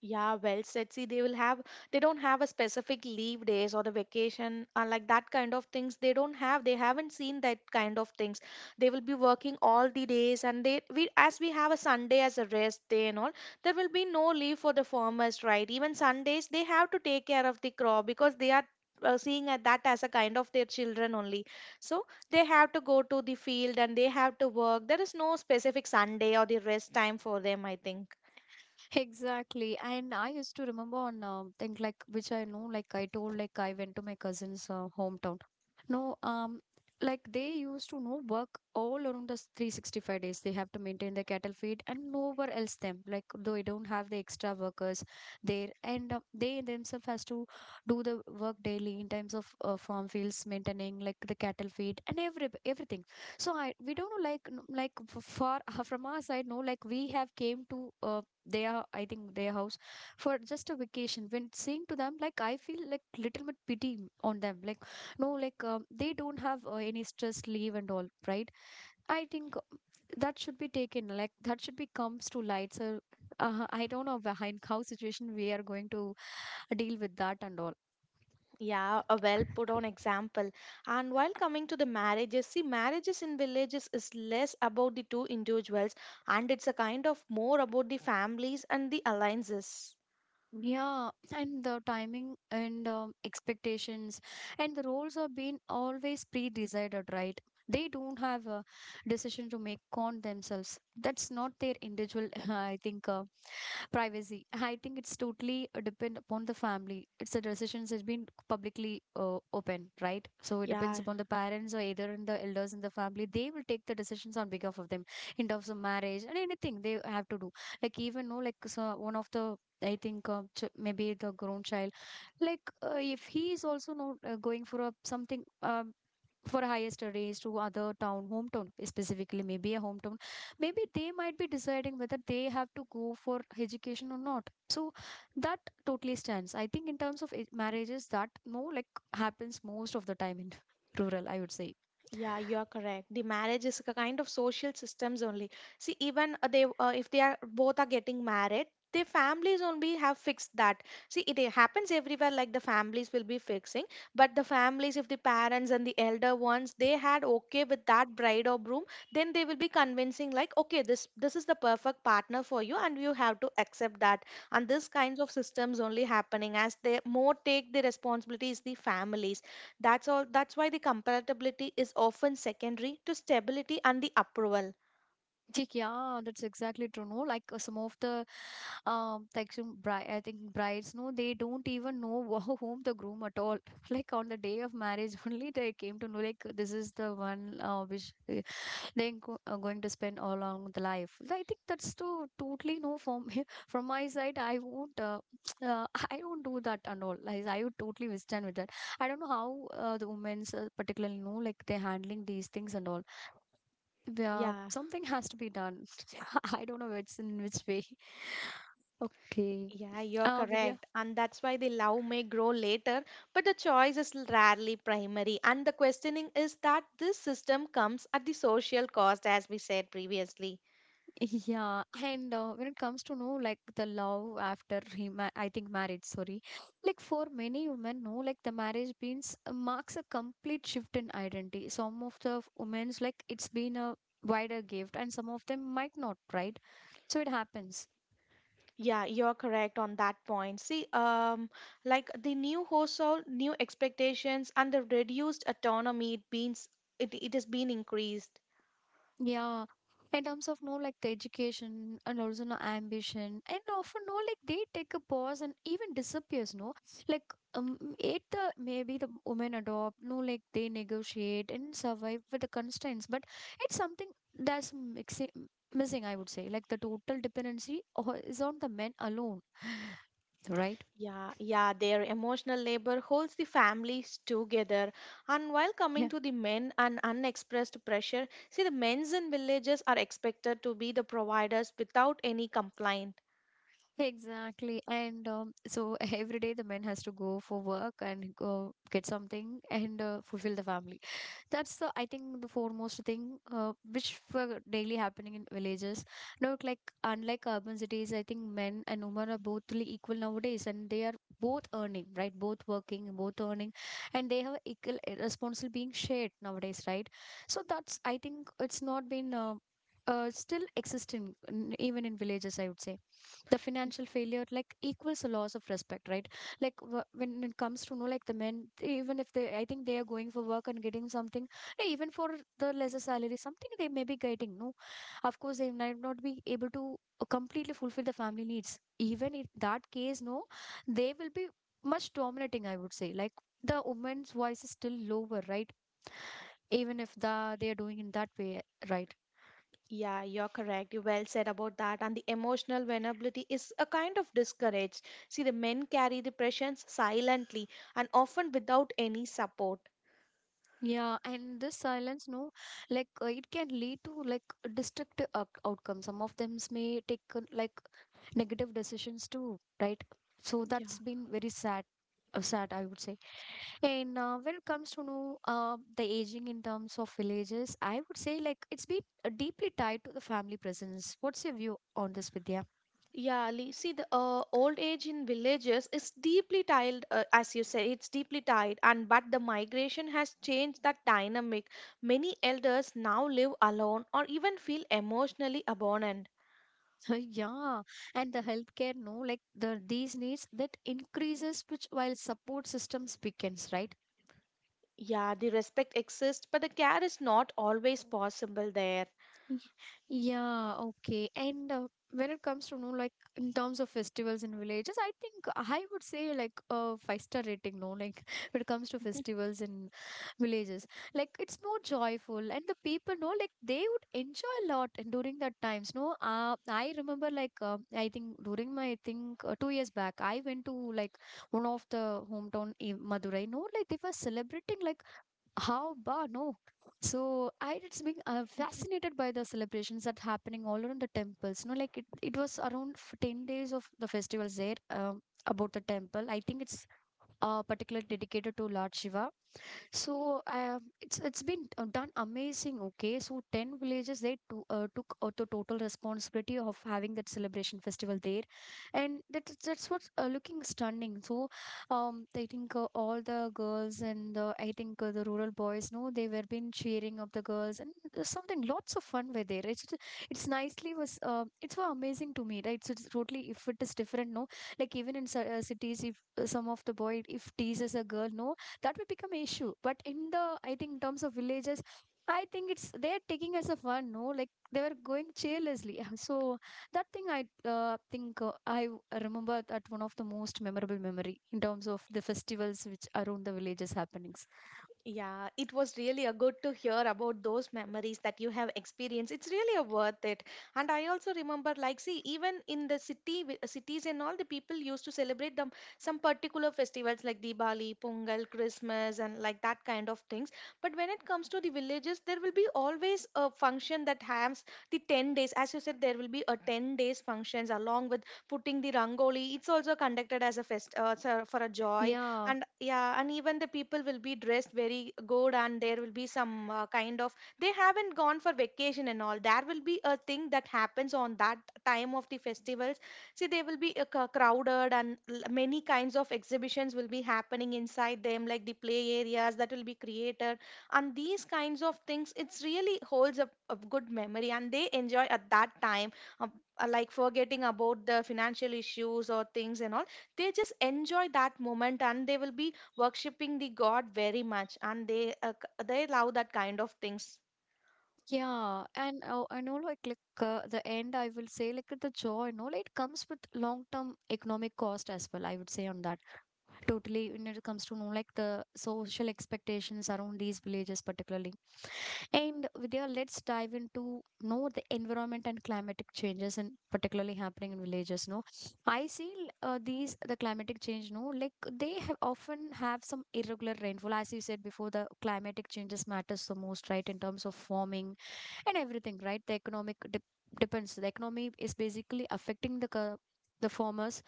B: Yeah, well said. See, they will have, they don't have a specific leave days or the vacation, like that kind of things. They don't have, they haven't seen that kind of things. They will be working all the days, and they, we, as we have a Sunday as a rest day and all, there will be no leave for the farmers, right? Even Sundays, they have to take care of the crop because they are. Seeing at that as a kind of their children only, so they have to go to the field and they have to work. There is no specific Sunday or the rest time for them, I think.
A: Exactly. And I used to remember on thing like which I know, like I told, like I went to my cousin's hometown. No, like they used to know work all around the 365 days. They have to maintain the cattle feed and nowhere else them. Like they don't have the extra workers there, and they themselves has to do the work daily in terms of farm fields, maintaining like the cattle feed and everything. So I we don't know like like far from our side. No, like we have came to. Their I think their house for just a vacation, when saying to them like I feel like little bit pity on them, like no like they don't have any stress leave and all, right? I think that should be taken, like that should be comes to light. So I don't know behind how situation we are going to deal with that and all.
B: Yeah, a well put on example. And while coming to the marriages, see, marriages in villages is less about the two individuals and it's a kind of more about the families and the alliances.
A: Yeah, and the timing and expectations and the roles are being always pre-decided, right? They don't have a decision to make on themselves. That's not their individual, I think, privacy. I think it's totally depend upon the family. It's a decisions has been publicly open, right? So it depends
B: Yeah.
A: upon the parents or either in the elders in the family, they will take the decisions on behalf of them in terms of marriage and anything they have to do. Like even no, like so one of the I think maybe the grown child, like if he is also not going for a something for higher studies to other town hometown specifically, maybe a hometown, maybe they might be deciding whether they have to go for education or not. So that totally stands, I think, in terms of marriages that no like happens most of the time in rural, I would say.
B: Yeah, you are correct. The marriage is a kind of social systems only. See, even they if they are both are getting married, their families only have fixed that. See, it happens everywhere. Like the families will be fixing, but the families, if the parents and the elder ones, they had okay with that bride or groom, then they will be convincing like, okay, this is the perfect partner for you, and you have to accept that. And this kinds of systems only happening as they more take the responsibility is the families. That's all. That's why the compatibility is often secondary to stability and the approval.
A: Chick, yeah, that's exactly true. No, like some of the like some I think brides, no, they don't even know whom the groom at all. Like on the day of marriage, only they came to know. Like this is the one which they go, are going to spend all along the life. Well, I think that's too totally no from from my side. I won't. I don't do that and all. Like I would totally withstand with that. I don't know how the women's particularly know like they're handling these things and all. Yeah,
B: Yeah,
A: something has to be done. I don't know it's in which way. Okay.
B: yeah, you're
A: Vidya.
B: correct. And that's why the love may grow later, but the choice is rarely primary. And the questioning is that this system comes at the social cost, as we said previously.
A: Yeah, and when it comes to know like the love after he ma I think marriage, sorry, like for many women, no, like the marriage means marks a complete shift in identity. Some of the women's like it's been a wider gift, and some of them might not, right? So it happens.
B: Yeah, you're correct on that point. See, like the new household, new expectations, and the reduced autonomy, it means it has been increased.
A: Yeah, in terms of no like the education and also no ambition and often no like they take a pause and even disappears, no, like it the maybe the women adopt no like they negotiate and survive with the constraints, but it's something that's missing, I would say. Like the total dependency is on the men alone, right.
B: Yeah, yeah, their emotional labor holds the families together. And while coming
A: Yeah,
B: to the men and unexpressed pressure, see, the men's in villages are expected to be the providers without any complaint.
A: exactly. And so every day the men has to go for work and go get something and fulfill the family. That's the I think the foremost thing which were daily happening in villages, not like unlike urban cities. I think men and women are both really equal nowadays, and they are both earning, right? Both working, both earning, and they have equal responsibility being shared nowadays, right? So that's I think it's not been still existing even in villages, I would say. The
B: Y-
A: financial failure like equals a loss of respect, right? Like when it comes to know like the men, they- even if they I think they are going for work and getting something, even for the lesser salary something they may be getting, no, of course they might not be able to completely fulfill the family needs. Even in that case, no, they will be much dominating, I would say. Like the woman's voice is still lower, right, even if the they are doing in that way, right?
B: Yeah, you're correct. You well said about that. And the emotional vulnerability is a kind of discouraged. See, the men carry the pressures silently and often without any support.
A: Yeah, and this silence, no, like it can lead to like destructive outcomes. Some of them may take like negative decisions too, right? So
B: Yeah.
A: that's been very sad, sad, I would say. And when it comes to know the aging in terms of villages, I would say like it's been deeply tied to the family presence. What's your view on this, Vidya?
B: Yeah, see, the old age in villages is deeply tied, as you say, it's deeply tied, and but the migration has changed that dynamic. Many elders now live alone or even feel emotionally abandoned.
A: Yeah, and the healthcare, no, like the these needs that increases which while support systems weakens, right?
B: Yeah, the respect exists, but the care is not always possible there.
A: Y- Yeah, okay. And When it comes to, no, like in terms of festivals in villages, I think I would say like a five-star rating, no, like when it comes to festivals in villages. Like it's more joyful and the people know like they would enjoy a lot and during that times, no. I remember like I think during my. I think 2 years back, I went to like one of the hometown in Madurai, no, like they were celebrating like how ba no. So I it's being fascinated by the celebrations that happening all around the temples. No, like it was around 10 days of the festivals there about the temple. I think it's particularly dedicated to Lord Shiva. So it's been done amazing. Okay, so 10 villages they took out the total responsibility of having that celebration festival there, and that's what's looking stunning. So I think all the girls and the. I think the rural boys no they were been cheering of the girls and there's something lots of fun were there it's nicely was it's were amazing to me, right? So it's totally if it is different no, like even in cities if some of the boy if teases a girl no that will become an issue but in the. I think in terms of villages I think it's they're taking as a fun, no? Like they were going cheerlessly. So that thing I think remember that one of the most memorable memory in terms of the festivals which around the villages happenings
B: Yeah, it was really a good to hear about those memories that you have experienced. It's really a worth it. And I also remember, like, see, even in the city, cities and all, the people used to celebrate them some particular festivals like Diwali, Pongal, Christmas, and like that kind of things. But when it comes to the villages, there will be always a function that has the 10 days. As you said, there will be a 10 days functions along with putting the rangoli. It's also conducted as a fest for a joy
A: yeah.
B: and yeah, and even the people will be dressed very good, and there will be some kind of they haven't gone for vacation and all. There will be a thing that happens on that time of the festivals. See, they will be crowded and many kinds of exhibitions will be happening inside them, like the play areas that will be created and these kinds of things. It's really holds a good memory and they enjoy at that time, uh, like forgetting about the financial issues or things and all. They just enjoy that moment and they will be worshipping the god very much, and they they love that kind of things.
A: And all like, the end I will say like the joy no, like it comes with long term economic cost as well I would say on that totally when it comes to know like the social expectations around these villages particularly. And Vidya, let's dive into know the environment and climatic changes, and particularly happening in villages. No, I see these the climatic change. No, like they have often have some irregular rainfall, as you said before. The climatic changes matters the most, right, in terms of farming and everything, right? The economic dep depends. The economy is basically affecting the the farmers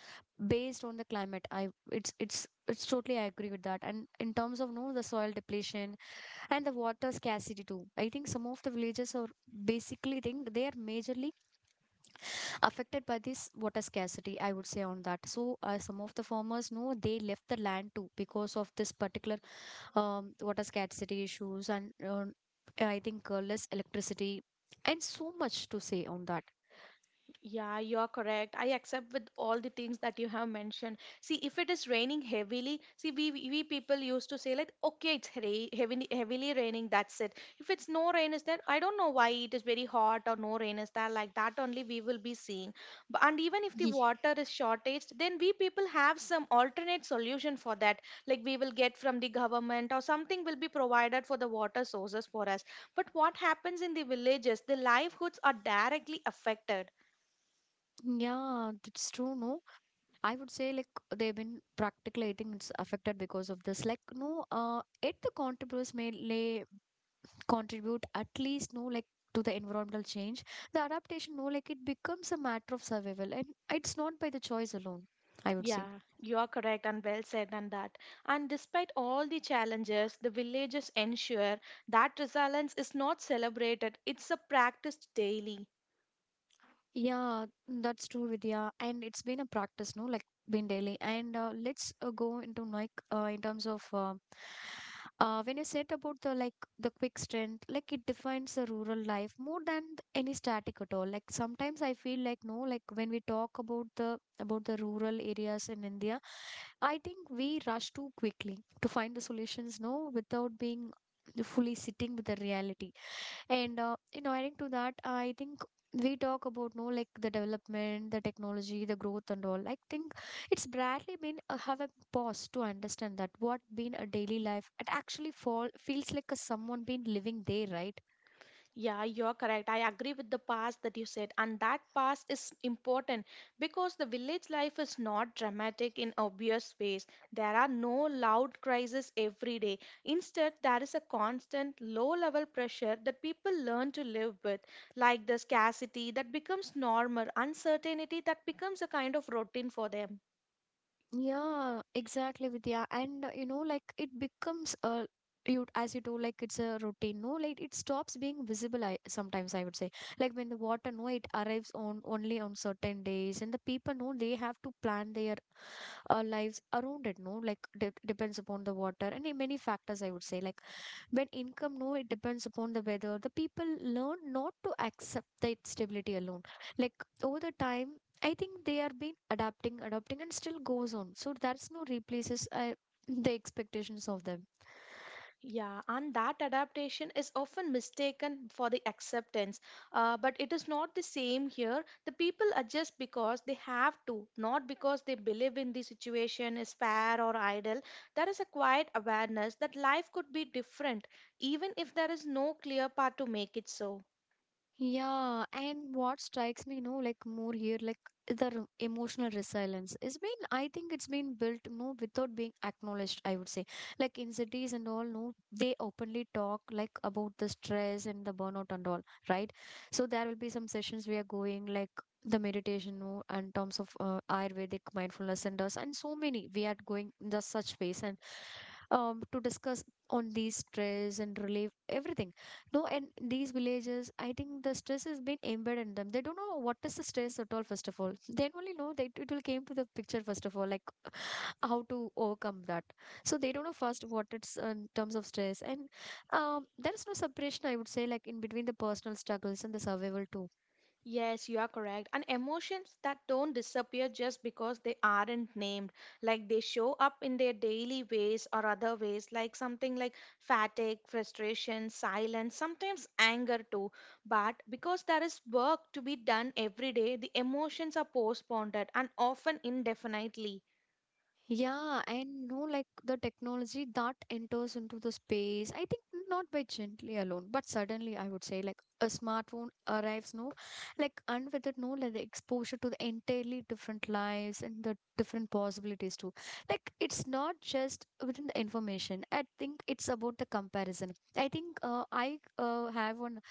A: based on the climate. I it's totally I agree with that. And in terms of no the soil depletion and the water scarcity too, I think some of the villages are basically think they are majorly affected by this water scarcity I would say on that. So some of the farmers know they left the land too because of this particular water scarcity issues and I think less electricity and so much to say on that.
B: Yeah, you are correct. I accept with all the things that you have mentioned. See, if it is raining heavily, see, we people used to say like, okay, it's heavily heavily raining. That's it. If it's no rain is there, I don't know why it is very hot or no rain is there. Like that only we will be seeing. But and even if the
A: Ye-
B: water is shortaged, then we people have some alternate solution for that. Like we will get from the government or something will be provided for the water sources for us. But what happens in the villages? The livelihoods are directly affected.
A: yeah, that's true, no. I would say like they've been practically I think it's affected because of this like no it the contributors may lay contribute at least no, like to the environmental change the adaptation no, like it becomes a matter of survival and it's not by the choice alone I would say.
B: Yeah, you are correct and well said on that. And despite all the challenges, the villages ensure that resilience is not celebrated, it's a practiced daily.
A: Yeah, that's true, Vidya. And it's been a practice, no? Like, been daily. And let's go into like in terms of when you said about the like the quick strength, like it defines the rural life more than any static at all. Like sometimes I feel like no, like when we talk about the rural areas in India, I think we rush too quickly to find the solutions, no, without being fully sitting with the reality and you know, adding to that, I think we talk about no like the development, the technology, the growth and all. I think it's barely been have a pause to understand that what been a daily life it actually fall feels like a someone been living there, right?
B: Yeah, you're correct. I agree with the past that you said, and that past is important because the village life is not dramatic in obvious ways. There are no loud crises every day. Instead, there is a constant low level pressure that people learn to live with, like the scarcity that becomes normal, uncertainty that becomes a kind of routine for them.
A: Yeah, exactly, Vidya. And you know, like it becomes a you as you do like it's a routine. No, like it stops being visible. I sometimes I would say like when the water no, it arrives on only on certain days, and the people know they have to plan their lives around it. No, like de depends upon the water and in many factors. I would say like when income no, it depends upon the weather. The people learn not to accept that stability alone. Like over the time. I think they are been adapting, and still goes on. So that's no replaces the expectations of them.
B: Yeah, and that adaptation is often mistaken for the acceptance. But it is not the same here. The people adjust because they have to, not because they believe in the situation is fair or idle. There is a quiet awareness that life could be different, even if there is no clear path to make it so.
A: Yeah, and what strikes me, you know, like more here, like the emotional resilience. It's been, I think it's been built, you know, without being acknowledged, I would say. Like in cities and all, no, they openly talk like about the stress and the burnout and all, right? So there will be some sessions we are going like the meditation, no, and terms of Ayurvedic mindfulness centers and so many we are going in just such ways and to discuss on these stress and relief everything no, and these villages, I think the stress has been embedded in them. They don't know what is the stress at all, first of all. They only know that it will came to the picture, first of all, like how to overcome that. So they don't know first what it's in terms of stress. And there is no separation, I would say, like in between the personal struggles and the survival too.
B: Yes, you are correct. And emotions that don't disappear just because they aren't named, like they show up in their daily ways or other ways, like something like fatigue, frustration, silence, sometimes anger too. But because there is work to be done every day, the emotions are postponed and often indefinitely.
A: Yeah, and no, like the technology that enters into the space, I think not by gently alone, but suddenly I would say like a smartphone arrives, no, like and with it, no, like the exposure to the entirely different lives and the different possibilities too. Like it's not just within the information. I think it's about the comparison. I think I have one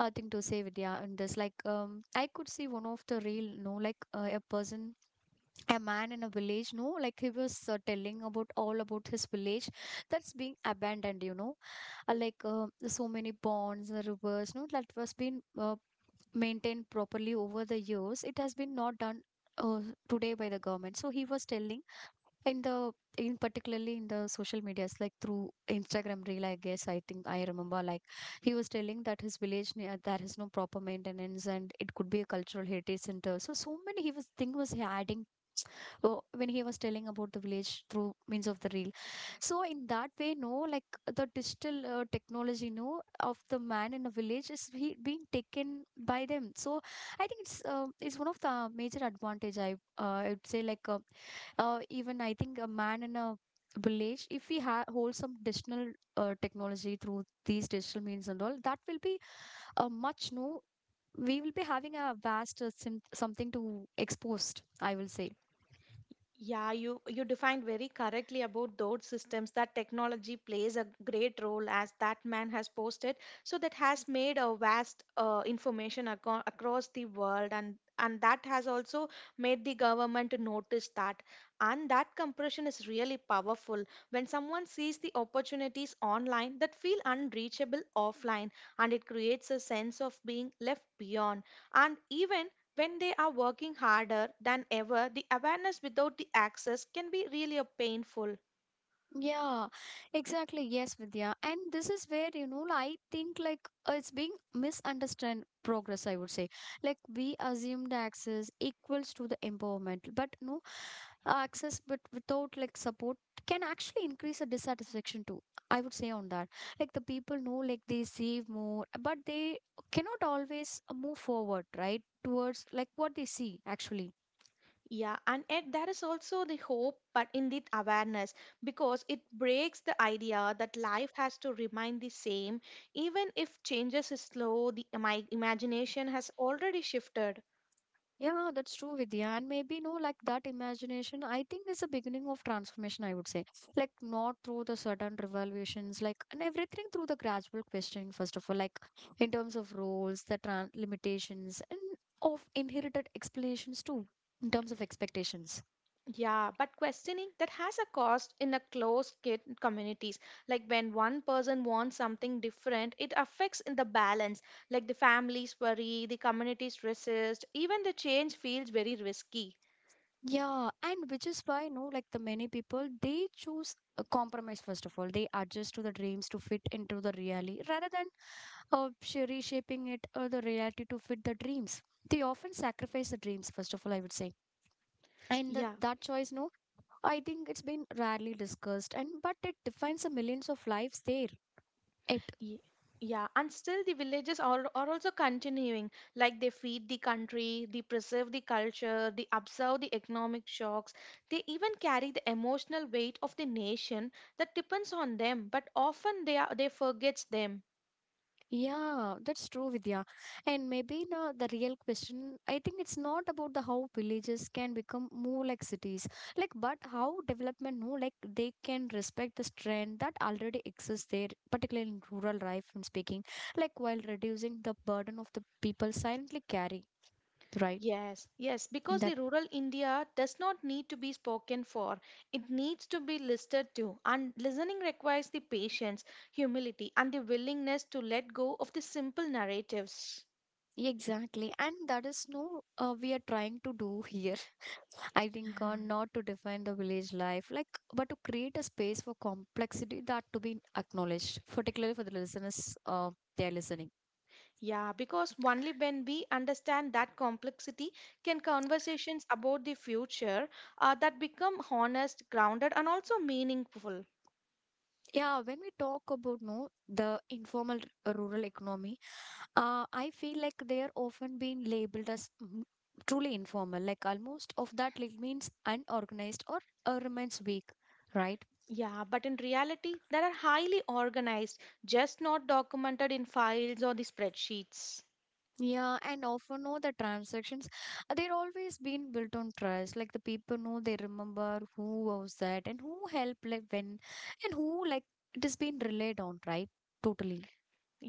A: thing to say with yeah, and this like I could see one of the real, no, like a man in a village no, like he was telling about all about his village that's being abandoned, you know, so many ponds the rivers no that was been maintained properly over the years it has been not done uh, today by the government. So he was telling in the in particularly in the social medias like through Instagram reel, I guess. I think I remember like he was telling that his village near there is no proper maintenance and it could be a cultural heritage center, so so many he was thing was adding oh, when he was telling about the village through means of the reel. So in that way no, like the digital technology no of the man in a village is he being taken by them. So I think it's one of the major advantage I would say like even I think a man in a village if we hold some digital technology through these digital means and all that will be a much no we will be having a vast something to exposed I will say.
B: Yeah, you defined very correctly about those systems that technology plays a great role as that man has posted. So that has made a vast information across the world, and that has also made the government to notice that, and that compression is really powerful when someone sees the opportunities online that feel unreachable offline, and it creates a sense of being left beyond. And even when they are working harder than ever, the awareness without the access can be really a painful.
A: Yeah, exactly. Yes, Vidya. And this is where, you know, I think like it's being misunderstood progress, I would say. Like we assumed access equals to the empowerment, but no, access but without like support can actually increase the dissatisfaction too. I would say on that. Like the people know like they save more, but they cannot always move forward, right? Towards like what they see actually.
B: Yeah, and yet there is also the hope, but in the awareness, because it breaks the idea that life has to remain the same, even if changes is slow. The my imagination has already shifted.
A: Yeah, that's true, Vidya. And maybe, no, like that imagination, I think is the beginning of transformation, I would say. Like, not through the sudden revelations, like, and everything through the gradual questioning, first of all, like, in terms of roles, the tran limitations, and of inherited explanations, too, in terms of expectations.
B: Yeah, but questioning that has a cost in a closed kit communities. Like when one person wants something different, it affects in the balance. Like the families worry, the communities resist, even the change feels very risky.
A: Yeah, and which is why, no, like, the many people, they choose a compromise, first of all. They adjust to the dreams to fit into the reality rather than reshaping it or the reality to fit the dreams. They often sacrifice the dreams, first of all, I would say. And that,
B: Yeah.
A: that choice, no, I think it's been rarely discussed, and but it defines the millions of lives there. It
B: ye- Yeah, and still the villages are also continuing. Like they feed the country, they preserve the culture, they observe the economic shocks, they even carry the emotional weight of the nation that depends on them, but often they forgets them.
A: Yeah, that's true, Vidya. And maybe now the real question, I think it's not about the how villages can become more like cities, like but how development, no, like they can respect the strength that already exists there, particularly in rural life. I'm speaking, like while reducing the burden of the people silently carry, right?
B: Yes, yes,
A: In
B: because the
A: that
B: rural India does not need to be spoken for. It needs to be listed to. And listening requires the patience, humility, and the willingness to let go of the simple narratives.
A: exactly, and that is no, we are trying to do here. I think not to define the village life, like, but to create a space for complexity that to be acknowledged, particularly for the listeners, they're listening.
B: Yeah, because only when we understand that complexity can conversations about the future that become honest, grounded, and also meaningful.
A: Yeah, when we talk about no the informal rural economy, I feel like they are often being labeled as truly informal, like almost of that like means unorganized or remains weak, right?
B: Yeah, but in reality, they are highly organized, just not documented in files or the spreadsheets.
A: Yeah, and often know the transactions, they're always been built on trust. Like the people know they remember who was that and who helped, like when, and who like it has been relied on, right? Totally.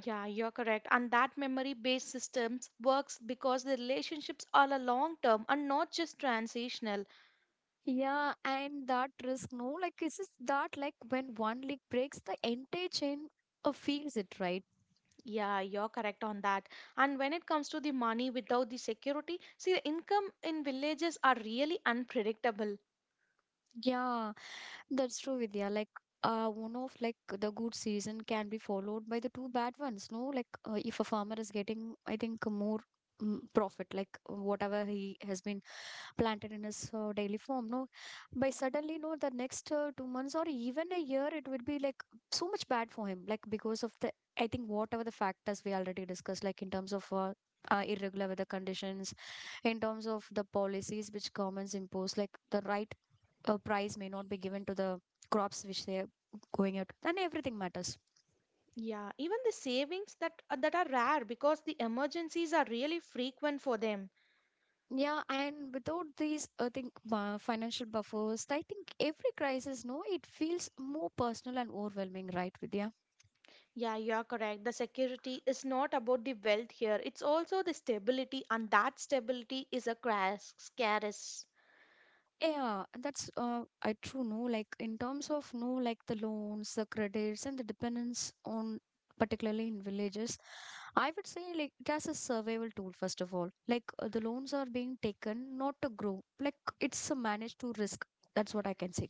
B: Yeah, you're correct. And that memory based systems works because the relationships are a long term and not just transitional.
A: Yeah, and that risk, no, like it's just that like when one leg breaks, the entire chain feels it, right?
B: Yeah, you're correct on that. And when it comes to the money without the security, see, the income in villages are really unpredictable.
A: Yeah, that's true, Vidya. Like, one of like the good season can be followed by the two bad ones. No, like if a farmer is getting, I think, more profit, like whatever he has been planted in his daily form. No, by suddenly, no, the next 2 months or even a year, it would be like so much bad for him. Like because of the, I think, whatever the factors we already discussed, like in terms of. Irregular weather conditions in terms of the policies which governments impose like the right a prize may not be given to the crops which they're going out and everything matters.
B: Yeah, even the savings that are rare because the emergencies are really frequent for them.
A: Yeah, and without these, I think, financial buffers, I think every crisis, no, it feels more personal and overwhelming, right, Vidya?
B: Yeah, you're correct. The security is not about the wealth here. It's also the stability, and that stability is a crash, scarce.
A: Yeah, that's I true, no, like in terms of no like the loans, the credits, and the dependence on, particularly in villages, I would say like it has a survival tool. First of all, like the loans are being taken not to grow, like it's a managed to risk. That's what I can say.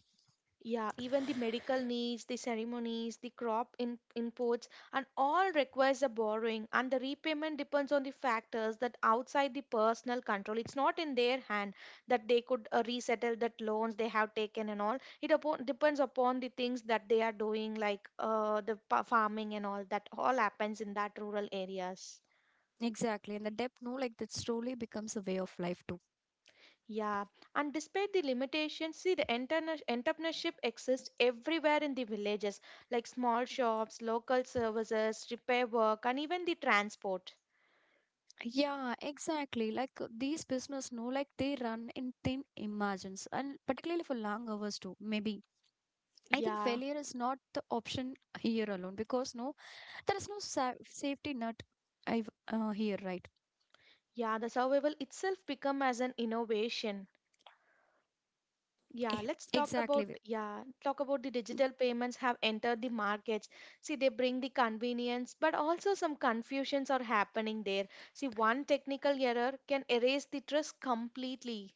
B: Yeah, even the medical needs, the ceremonies, inputs, and all requires a borrowing, and the repayment depends on the factors that outside the personal control. It's not in their hand that they could resettle that loans they have taken and all. Depends upon the things that they are doing, like farming and all. That all happens in that rural areas.
A: Exactly. And the depth, no, like that slowly becomes a way of life too.
B: Yeah, and despite the limitations, see the entrepreneurship exists everywhere in the villages, like small shops, local services, repair work, and even the transport.
A: Yeah, exactly. Like these business, no, like they run in thin margins and particularly for long hours too. Maybe I think
B: Yeah,
A: failure is not the option here alone because no, there is no safety net I've, here, right?
B: yeah, the survival itself become as an innovation. Yeah,
A: Eh,
B: let's talk about
A: exactly.
B: yeah, talk about the digital payments have entered the markets. See, they bring the convenience, but also some confusions are happening there. See, one technical error can erase the trust completely.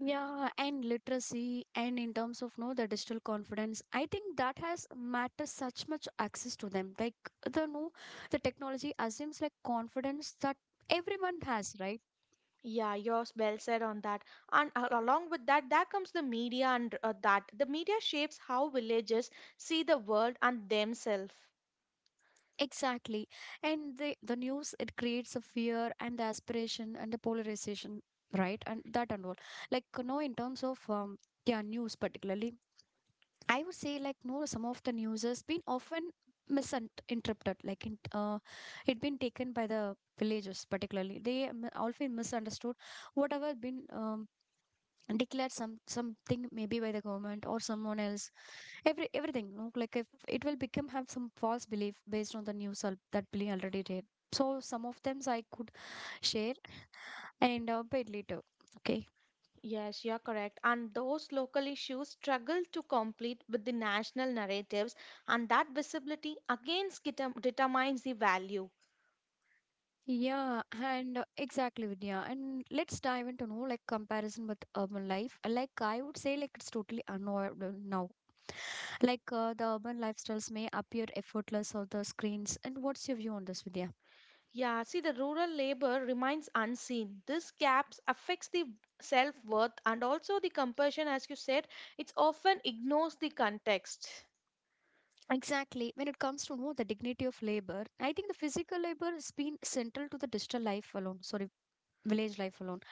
A: Yeah, and literacy, and in terms of no the digital confidence, I think that has matters such much access to them. Like the no, the technology assumes like confidence that everyone has, right?
B: Yeah, you're well said on that. And along with that, there comes the media and that. The media shapes how villages see the world and themselves.
A: Exactly, and the news, it creates a fear and the aspiration and the polarization, right? And that and all. Like no, in terms of yeah, news particularly I would say like no, some of the news has been often misinterpreted, like it been taken by the villagers particularly. They often misunderstood whatever been declared some something maybe by the government or someone else. Everything, no? Like if it will become have some false belief based on the news that Billy already did. So some of them I could share and bit later. Okay.
B: Yes, you're correct. And those local issues struggle to complete with the national narratives, and that visibility again determines the value.
A: Yeah, and exactly, Vidya. And let's dive into no like comparison with urban life. Like I would say, like it's totally unavoidable now. Like the urban lifestyles may appear effortless on the screens. And what's your view on this, Vidya?
B: Yeah, see, the rural labor remains unseen. This gaps affects the self worth and also the compassion, as you said, it's often ignores the context.
A: Exactly. When it comes to know the dignity of labor, I think the physical labor has been central to the digital life alone. Sorry, village life alone.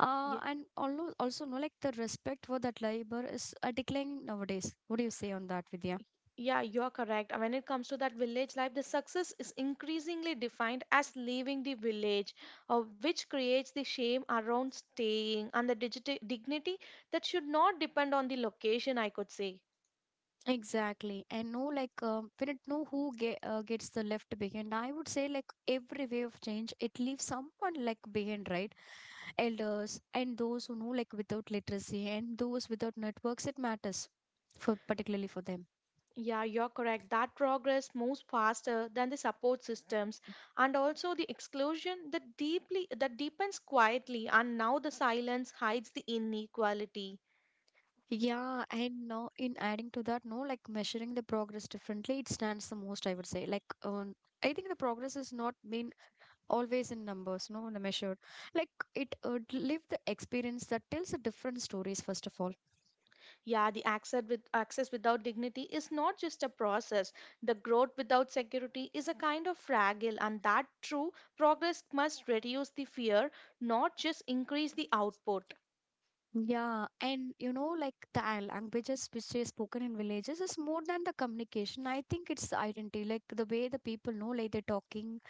A: And also no like the respect for that labor is declining nowadays. What do you say on that, Vidya?
B: Yeah, you're correct. When it comes to that village life, the success is increasingly defined as leaving the village, which creates the shame around staying and the dignity that should not depend on the location, I could say.
A: Exactly. And know like we don't know who ge gets the left behind. I would say like every way of change, it leaves someone like behind, right? Elders and those who know like without literacy and those without networks, it matters for particularly for them.
B: Yeah, you're correct. That progress moves faster than the support systems, and also the exclusion that deepens quietly, and now the silence hides the inequality.
A: Yeah, and now in adding to that, no, like measuring the progress differently, it stands the most, I would say. Like, I think the progress is not been always in numbers, no, the measured. Like, it live the experience that tells a different stories, first of all.
B: Yeah, the access with access without dignity is not just a process. The growth without security is a kind of fragile, and that true progress must reduce the fear, not just increase the output.
A: Yeah, and you know, like the languages which is spoken in villages is more than the communication. I think it's identity, like the way the people know, like they're talking,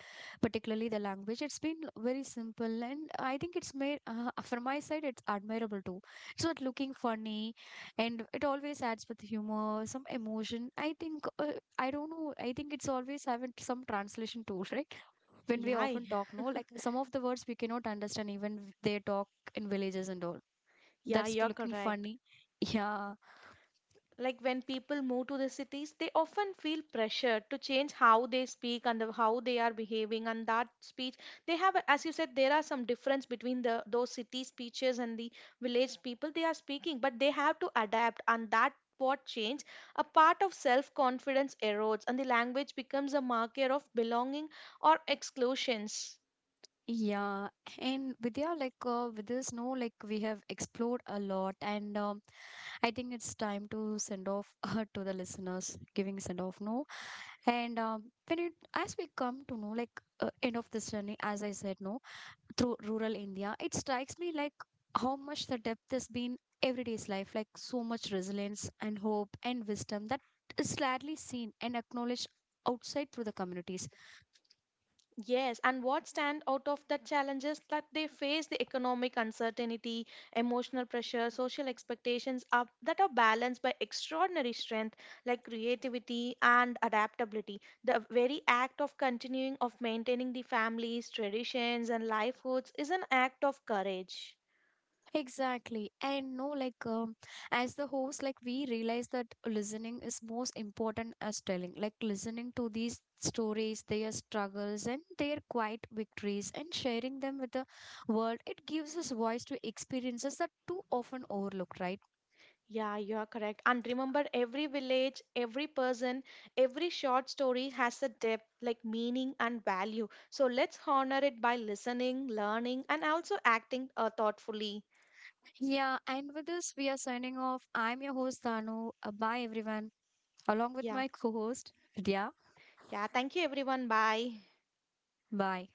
A: particularly the language. It's been very simple, and I think it's made from my side, it's admirable too. It's not looking funny, and it always adds with humor, some emotion. I think I don't know. I think it's always having some translation too, right? When we
B: Yeah,
A: often talk, no, like some of the words we cannot understand even they talk in villages and all.
B: yeah,
A: That's too
B: you're
A: looking
B: correct.
A: funny. Yeah.
B: Like when people move to the cities, they often feel pressure to change how they speak and how they are behaving, and that speech they have, as you said, there are some difference between the those city speeches and the village people they are speaking, but they have to adapt, and that what change a part of self confidence erodes, and the language becomes a marker of belonging or exclusions.
A: Yeah, and Vidya, like with this no like we have explored a lot and I think it's time to send off to the listeners giving send off no. And when it as we come to know like end of this journey, as I said no, through rural India, it strikes me like how much the depth has been everyday's life, like so much resilience and hope and wisdom that is rarely seen and acknowledged outside through the communities.
B: Yes, and what stand out of the challenges that they face the economic uncertainty, emotional pressure, social expectations are, that are balanced by extraordinary strength like creativity and adaptability. The very act of continuing of maintaining the families, traditions and livelihoods is an act of courage.
A: Exactly. And no, like, as the host, like, we realize that listening is most important as telling. Like, listening to these stories, their struggles, and their quiet victories, and sharing them with the world, it gives us voice to experiences that too often overlooked, right?
B: Yeah, you are correct. And remember, every village, every person, every short story has a depth, like meaning and value. So let's honor it by listening, learning, and also acting thoughtfully.
A: Yeah. And with this, we are signing off. I'm your host, Danu. Bye, everyone. Along with
B: Yeah.
A: my co host, Vidya.
B: Yeah. Thank you, everyone. Bye.
A: Bye.